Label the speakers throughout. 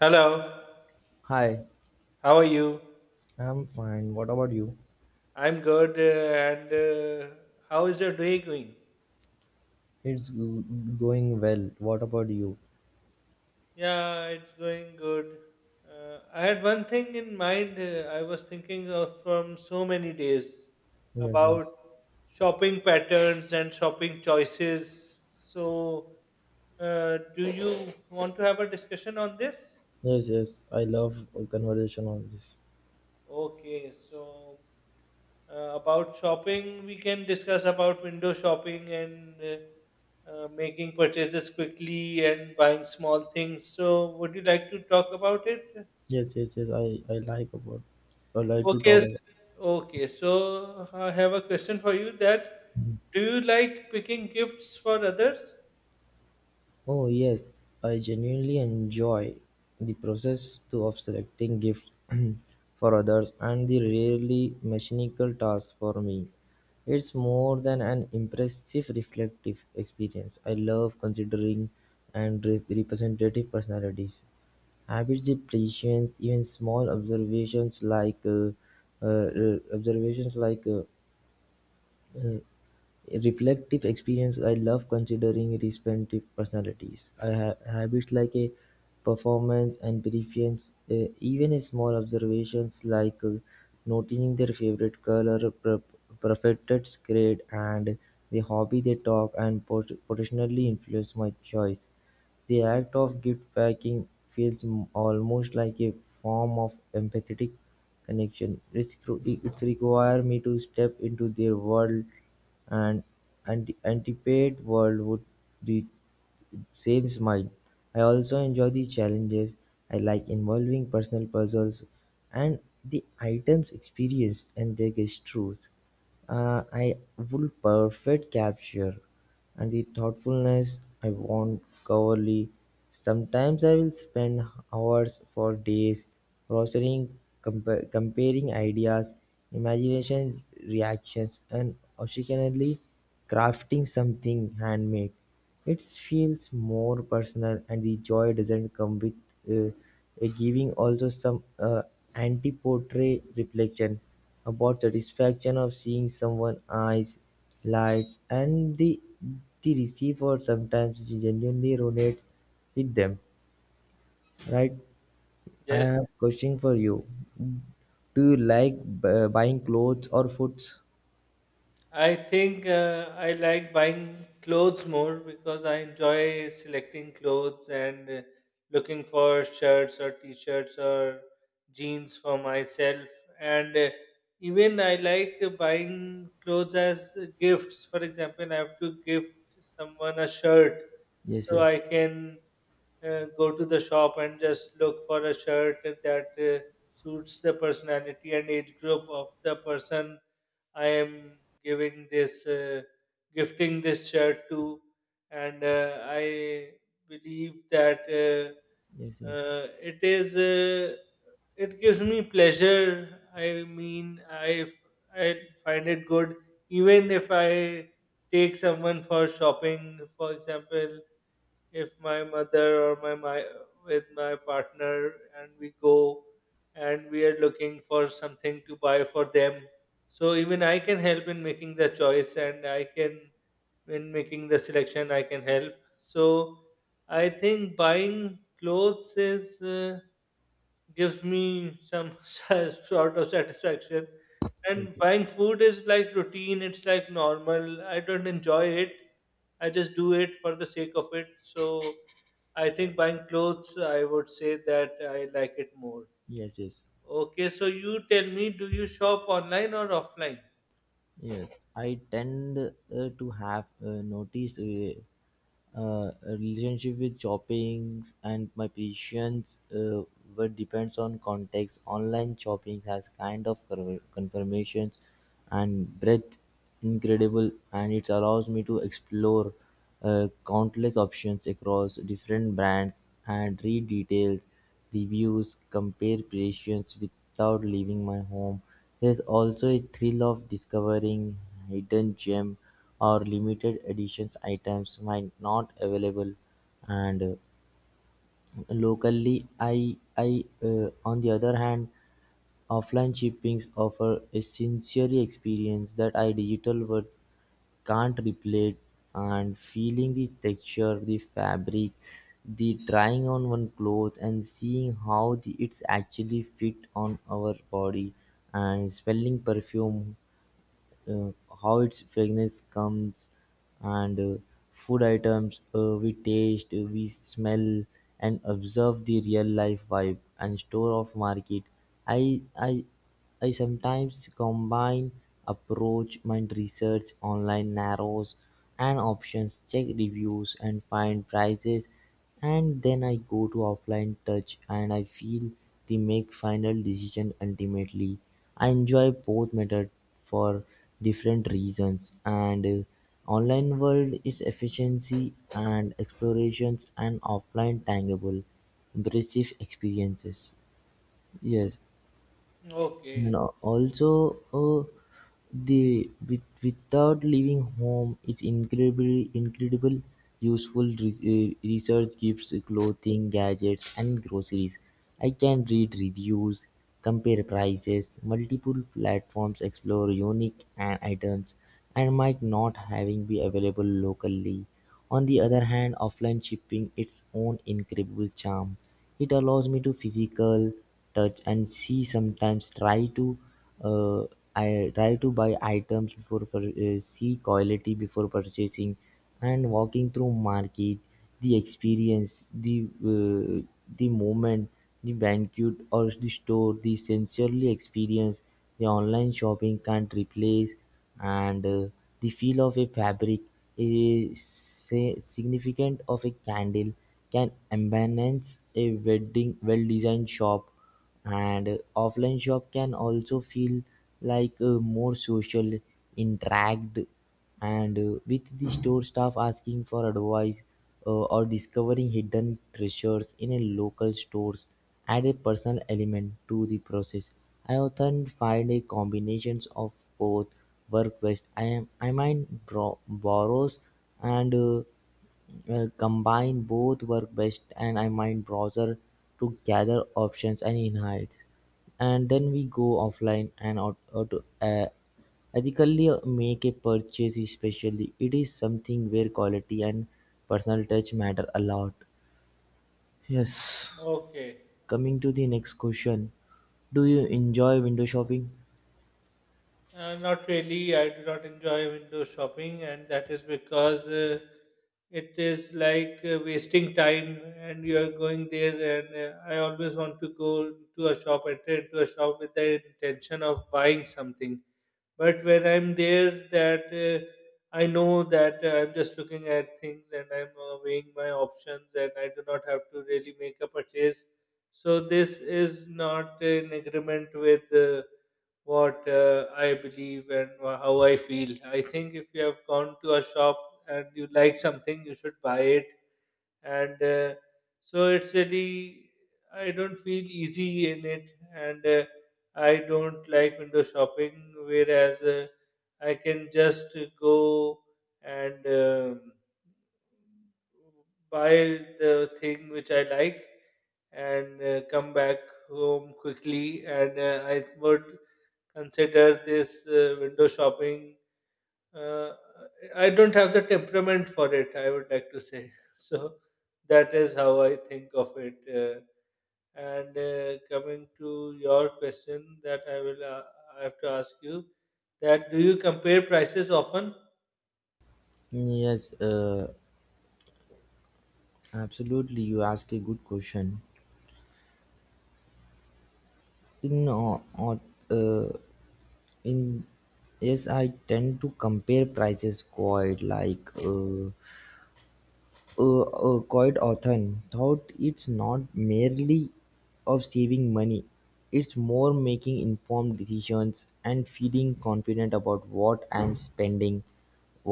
Speaker 1: Hello,
Speaker 2: Hi,
Speaker 1: how are you?
Speaker 2: I'm fine. What about you?
Speaker 1: I'm good, and how is your day going?
Speaker 2: It's go- Going well. What about you?
Speaker 1: Yeah, it's going good. I had one thing in mind. I was thinking of from so many days
Speaker 2: Yes,
Speaker 1: about
Speaker 2: yes,
Speaker 1: shopping patterns and shopping choices. So, do you want to have a discussion on this?
Speaker 2: yes, yes. I love a conversation on this.
Speaker 1: Okay, so about shopping, we can discuss about window shopping and making purchases quickly and buying small things. So, would you like to talk about it?
Speaker 2: Yes, yes, yes. I like about. I like to
Speaker 1: Okay,
Speaker 2: talk.
Speaker 1: s- okay. So, I have a question for you. That do you like picking gifts for others?
Speaker 2: Oh yes, I genuinely enjoy the process too of selecting gifts for others and the rarely mechanical task for me. It's more than an impressive reflective experience. I love considering and representative personalities. Habits, depreciations, even small observations like uh, reflective experience I love considering respective personalities. Habits like a performance and preference, even a small observations like noticing their favorite color, preferred grade, and the hobby they talk and potentially influence my choice. The act of gift-packing feels almost like a form of empathetic connection. It's require me to step into their world, and anticipate world would the saves mine. I also enjoy the challenges. I like involving personal puzzles and the items experienced and their truth. I would perfect capture and the thoughtfulness I want coverly. Sometimes I will spend hours for days processing, comparing ideas, imagination reactions, and occasionally crafting something handmade. It feels more personal, and the joy doesn't come with uh, a giving also some anti-portrait reflection about the satisfaction of seeing someone eyes lights and the receiver sometimes genuinely resonate with them, right? I
Speaker 1: Yes.
Speaker 2: have question for you. Do you like buying clothes or foods?
Speaker 1: I think I like buying clothes more because I enjoy selecting clothes and looking for shirts or t-shirts or jeans for myself. And even I like buying clothes as gifts. For example, I have to gift someone a shirt,
Speaker 2: yes
Speaker 1: so I
Speaker 2: yes
Speaker 1: can go to the shop and just look for a shirt that suits the personality and age group of the person I am giving this, gifting this shirt to, and I believe that
Speaker 2: yes yes
Speaker 1: it is, it gives me pleasure. I mean, I find it good, even if I take someone for shopping, for example if my mother or my with my partner and we go and we are looking for something to buy for them, so even I can help in making the choice and I can, in making the selection I can help. So I think buying clothes is gives me some sort of satisfaction.
Speaker 2: yes
Speaker 1: And
Speaker 2: yes
Speaker 1: buying food is like routine, it's like normal. I don't enjoy it. I just do it for the sake of it. So I think buying clothes, I would say that I like it more.
Speaker 2: yes yes
Speaker 1: Okay, so you tell me, do you shop online or offline?
Speaker 2: Yes, I tend to have noticed a relationship with shoppings and my patience, but depends on context. Online shopping has kind of confirmations and breadth, incredible, and it allows me to explore countless options across different brands and read details, reviews, compare creations without leaving my home. There's also a thrill of discovering hidden gem or limited editions items might not available and locally. I On the other hand, offline shippings offer a sensory experience that a digital one can't replicate and feeling the texture, the fabric, the trying on one clothes and seeing how the, it's actually fit on our body and smelling perfume, uh, how its fragrance comes, and food items, we taste, we smell, and observe the real life vibe and store of market. I I I sometimes combine approach my research online narrows and options, check reviews and find prices, and then I go to offline touch and I feel they make final decision ultimately. I enjoy both method for different reasons, and online world is efficiency and explorations, and offline tangible impressive experiences. Yes, and
Speaker 1: Okay,
Speaker 2: also, uh, the with, without leaving home, it's incredibly incredible useful research gives clothing gadgets and groceries. I can read reviews, compare prices multiple platforms, explore unique items and might not having be available locally. On the other hand, offline shipping its own incredible charm. It allows me to physical touch and she sometimes try to, uh, I try to buy items before see quality before purchasing and walking through market, the experience, the moment, the banquet or the store, the sensory experience the online shopping can't replace, and the feel of a fabric is significant of a candle can embellish a wedding well-designed shop. And offline shop can also feel like a more social interact, and with the store staff asking for advice or discovering hidden treasures in a local stores add a personal element to the process. I often find a combinations of both work best. I am I mind bro- borrows and Combine both work best and I imine browser to gather options and insights. And then we go offline and out, uh, ethically make a purchase, especially it is something where quality and personal touch matter a lot. Yes.
Speaker 1: okay.
Speaker 2: Coming to the next question. Do you enjoy window shopping?
Speaker 1: Not really. I do not enjoy window shopping, and that is because it is like wasting time, and you are going there. And I always want to go to a shop, enter into a shop with the intention of buying something. But when I'm there, that I know that I'm just looking at things and I'm weighing my options, and I do not have to really make a purchase. So this is not in agreement with. What I believe and how I feel. I think if you have gone to a shop and you like something, you should buy it. And so it's really, I don't feel easy in it. And I don't like window shopping, whereas I can just go and buy the thing which I like and come back home quickly. And I would consider this window shopping. Uh, I don't have the temperament for it, I would like to say. So that is how I think of it. And Coming to your question, that I will I have to ask you that do you compare prices often?
Speaker 2: Yes, absolutely. You ask a good question. No, uh, In yes, I tend to compare prices quite like quite often thought it's not merely of saving money. It's more making informed decisions and feeling confident about what I'm spending.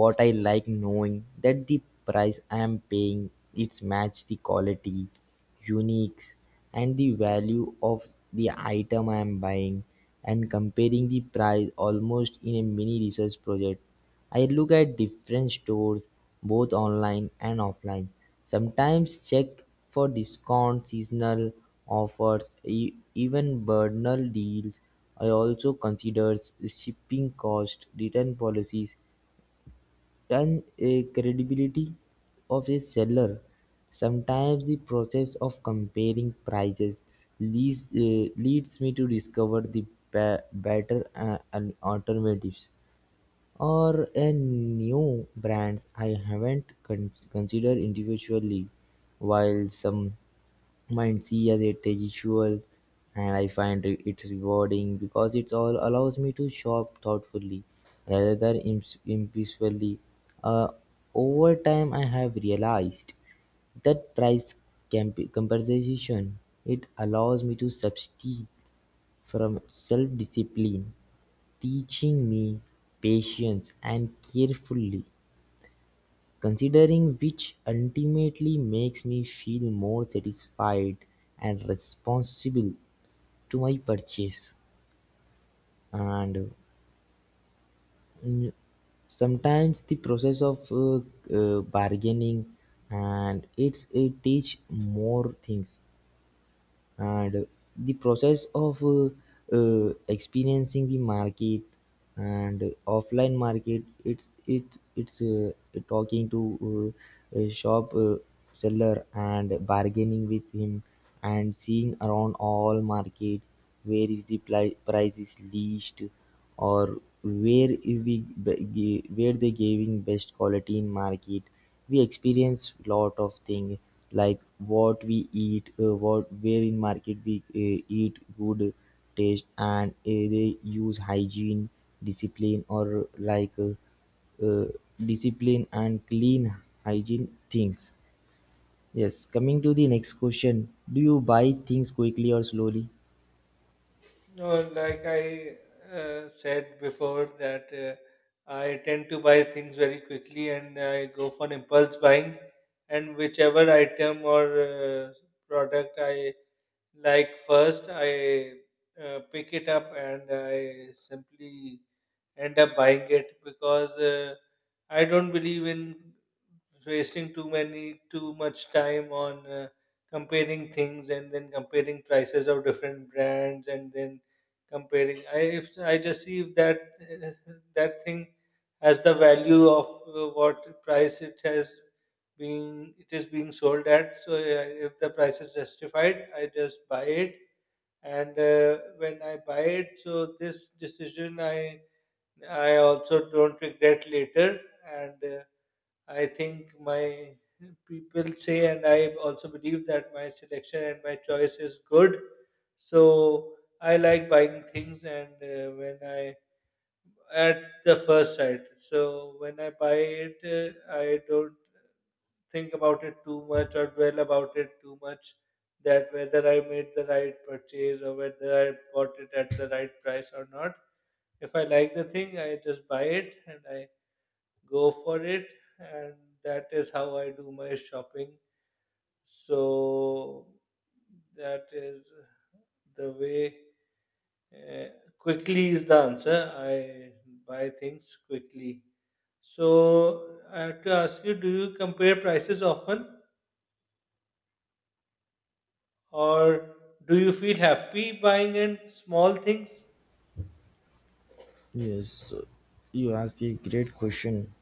Speaker 2: What I like knowing that the price I am paying it's match the quality, unique, and the value of the item I am buying, and comparing the price almost in a mini research project. I look at different stores, both online and offline. Sometimes check for discounts, seasonal offers, even bundle deals. I also consider shipping cost, return policies, and credibility of a seller. Sometimes the process of comparing prices leads me to discover the better alternatives or a new brands I haven't considered individually, while some might see as a traditional, and I find it rewarding because it all allows me to shop thoughtfully rather than impulsively. Uh, Over time, I have realized that price compensation it allows me to substitute from self-discipline, teaching me patience and carefully considering, which ultimately makes me feel more satisfied and responsible to my purchase. And sometimes the process of bargaining, and it teach more things, and the process of experiencing the market and offline market, it's talking to a shop seller and bargaining with him and seeing around all market where is the price is least or where they giving best quality in market. We experience lot of thing, like what we eat, what where in market we eat good taste, and they use hygiene discipline or like uh, discipline and clean hygiene things. Yes, coming to the next question, do you buy things quickly or slowly?
Speaker 1: No, like I said before, that I tend to buy things very quickly and I go for impulse buying, and whichever item or product I like first, I pick it up and I simply end up buying it because I don't believe in wasting too much time on comparing things and then comparing prices of different brands and then comparing. I if I just see if that that thing has the value of what price it has being it is being sold at. So yeah, if the price is justified, I just buy it. And when I buy it, so this decision I also don't regret later. And I think my people say, and I also believe that my selection and my choice is good. So I like buying things, and when I at the first sight. So when I buy it, I don't think about it too much or dwell about it too much that whether I made the right purchase or whether I bought it at the right price or not. If I like the thing, I just buy it and I go for it, and that is how I do my shopping. So that is the way. Uh, Quickly is the answer. I buy things quickly. So I have to ask you: do you compare prices often? Or do you feel happy buying in small things?
Speaker 2: Yes, you asked a great question.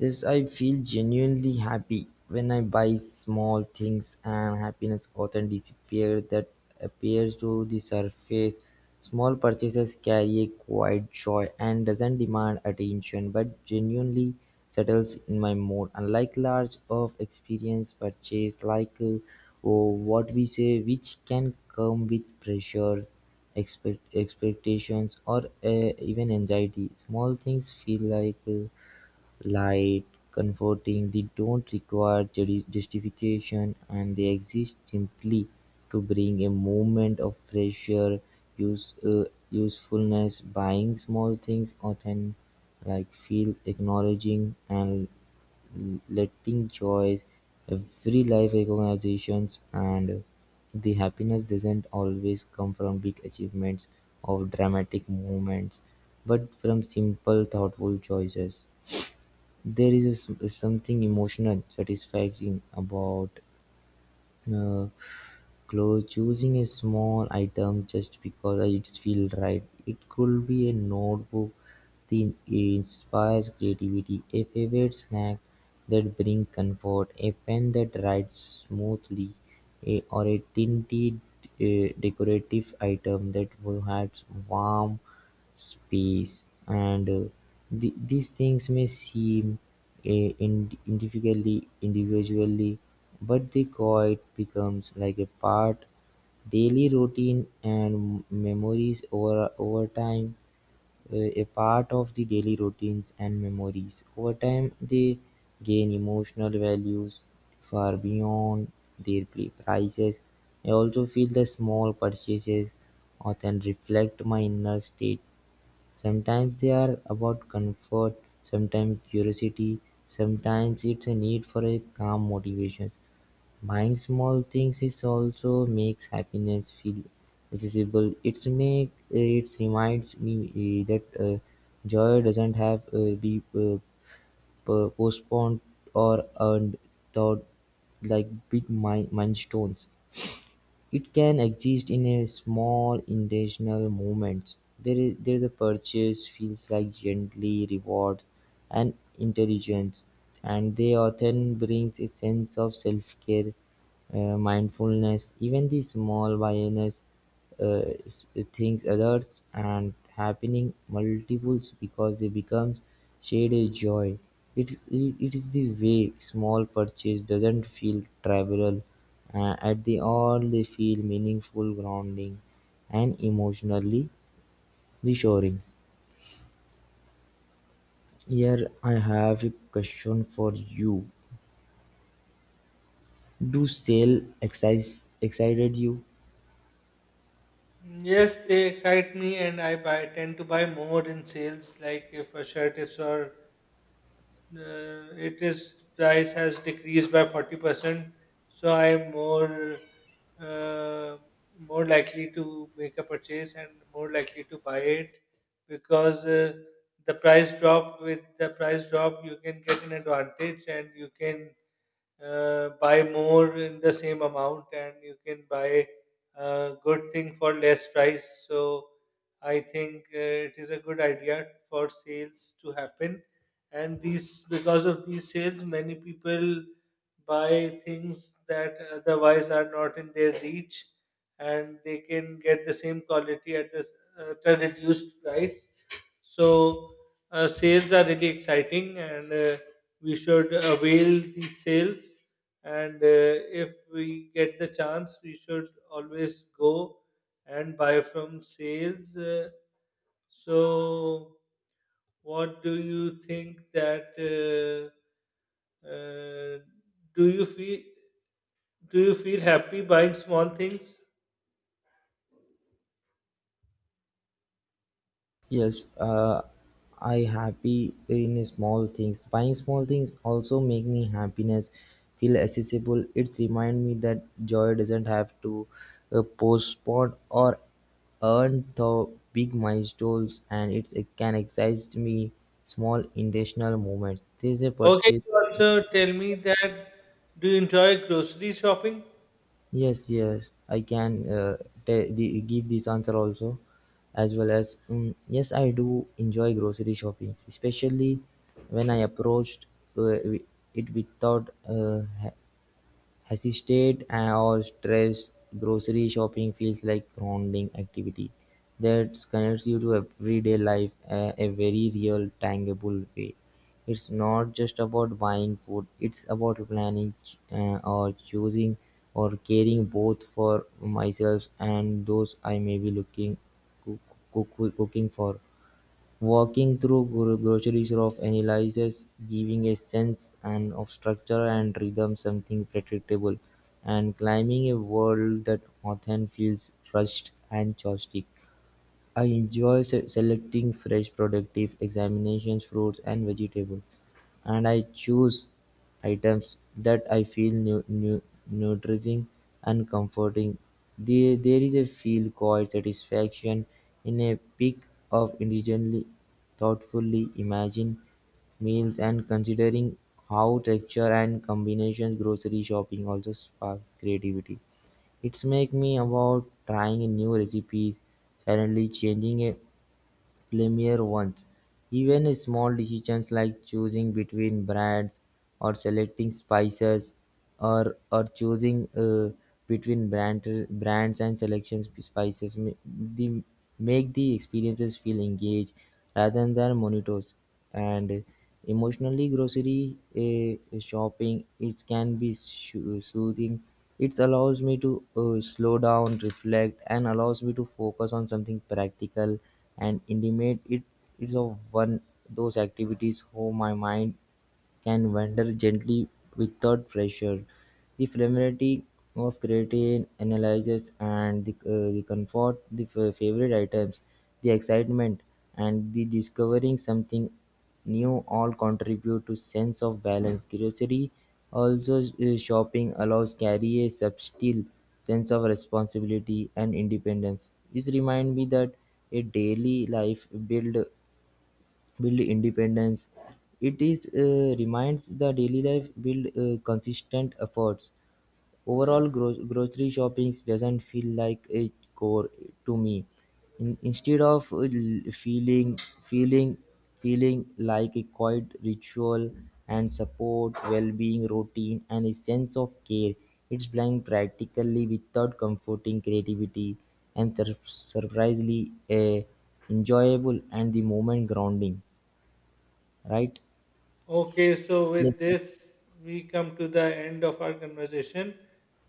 Speaker 2: Yes, I feel genuinely happy when I buy small things, and happiness often disappears that appears to the surface. Small purchases carry a quiet joy and doesn't demand attention but genuinely settles in my mood. Unlike large of experience purchase like oh, what we say, which can come with pressure, expectations, or even anxiety. Small things feel like light, comforting. They don't require justification, and they exist simply to bring a moment of pleasure, usefulness. Buying small things often like feel acknowledging and letting joys every life recognitions, and the happiness doesn't always come from big achievements or dramatic moments but from simple thoughtful choices. There is a s something emotional, satisfying about uh, clothes, choosing a small item just because it feels right. It could be a notebook that inspires creativity, a favorite snack that brings comfort, a pen that writes smoothly, a, or a tinted decorative item that perhaps warm space. And these things may seem individually, but the quiet becomes like a part daily routine and memories over time, a part of the daily routines and memories over time. They gain emotional values far beyond their prices. I also feel the small purchases often reflect my inner state. Sometimes they are about comfort, sometimes curiosity, sometimes it's a need for a calm motivation. Buying small things is also makes happiness feel accessible. It reminds me eh, that joy doesn't have be postponed or earned thought like big milestones. It can exist in a small intentional moments. There the purchase feels like gently rewards and intelligence, and they often brings a sense of self-care, mindfulness, even the small awareness uh, s- things others and happening multiples because they becomes shaded joy. It is the way small purchase doesn't feel trivial. At the all they feel meaningful, grounding, and emotionally reassuring. Here I have a question for you. Do sale exercise excited you?
Speaker 1: Yes, they excite me, and I buy tend to buy more in sales. Like if a shirt is or it is price has decreased by 40%, so I'm more uh, more likely to make a purchase and more likely to buy it because the price drop, you can get an advantage and you can buy more in the same amount and you can buy a good thing for less price. So I think it is a good idea for sales to happen. And these, because of these sales, many people buy things that otherwise are not in their reach, and they can get the same quality at this at a reduced price. So sales are really exciting and. We should avail the sales and if we get the chance we should always go and buy from sales, so what do you think that uh, do you feel, happy buying small things?
Speaker 2: Yes, I happy in small things. Buying small things also make me happiness feel accessible. It remind me that joy doesn't have to postpone or earn the big milestones, and it's, it can excite me small intentional moments. This is a
Speaker 1: Okay,
Speaker 2: purchase.
Speaker 1: you also tell me that, do you enjoy grocery shopping?
Speaker 2: Yes, yes, I can, the, give this answer also, as well as yes, I do enjoy grocery shopping, especially when I approached uh, wi- it without as stayed or stress. Grocery shopping feels like grounding activity that connects you to everyday life, a very real, tangible way. It's not just about buying food; it's about planning or choosing or caring both for myself and those I may be looking cook, cooking for. Walking through grocery shops analyses, giving a sense and of structure and rhythm, something predictable, and climbing a wall that often feels rushed and chaotic. I enjoy selecting fresh productive examinations, fruits and vegetables. And I choose items that I feel nurturing and comforting. There is a feel called satisfaction in a pick of individually, thoughtfully imagined meals and considering how texture and combinations grocery shopping also sparks creativity. It's make me about trying a new recipes, suddenly changing a premier ones. Even small decisions like choosing between brands or selecting spices or choosing between brands and selection the, make the experiences feel engaged rather than monitors. And emotionally grocery shopping it can be soothing. It allows me to slow down reflect and allows me to focus on something practical and intimate. It is of one those activities whom my mind can wander gently without pressure. The familiarity of creating analyzes and the comfort, the favorite items, the excitement, and the discovering something new all contribute to sense of balance. Curiosity also shopping allows carry a subtle sense of responsibility and independence. This remind me that a daily life build independence. It is reminds the daily life build consistent efforts. Overall, grocery shopping doesn't feel like a chore to me. Instead of feeling feeling like a quiet ritual and support well-being routine and a sense of care, it's blind practically without comforting creativity and surprisingly enjoyable and the moment grounding. Right?
Speaker 1: Okay, so
Speaker 2: Yes,
Speaker 1: with
Speaker 2: sir.
Speaker 1: this, we come to the end of our conversation,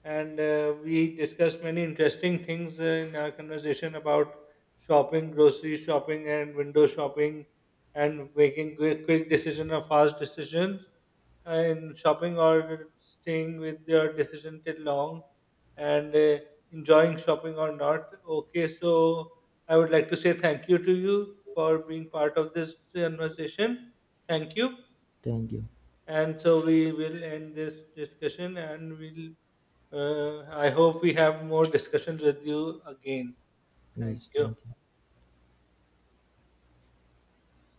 Speaker 1: and we discussed many interesting things in our conversation about shopping, grocery shopping, and window shopping, and making quick, quick decision or fast decisions in shopping or staying with your decision till long, and enjoying shopping or not. Okay, so I would like to say thank you to you for being part of this conversation. Thank you.
Speaker 2: Thank you.
Speaker 1: And so we will end this discussion and we'll, I hope we have more discussions with you again. Thank
Speaker 2: Yes,
Speaker 1: you.
Speaker 2: thank you.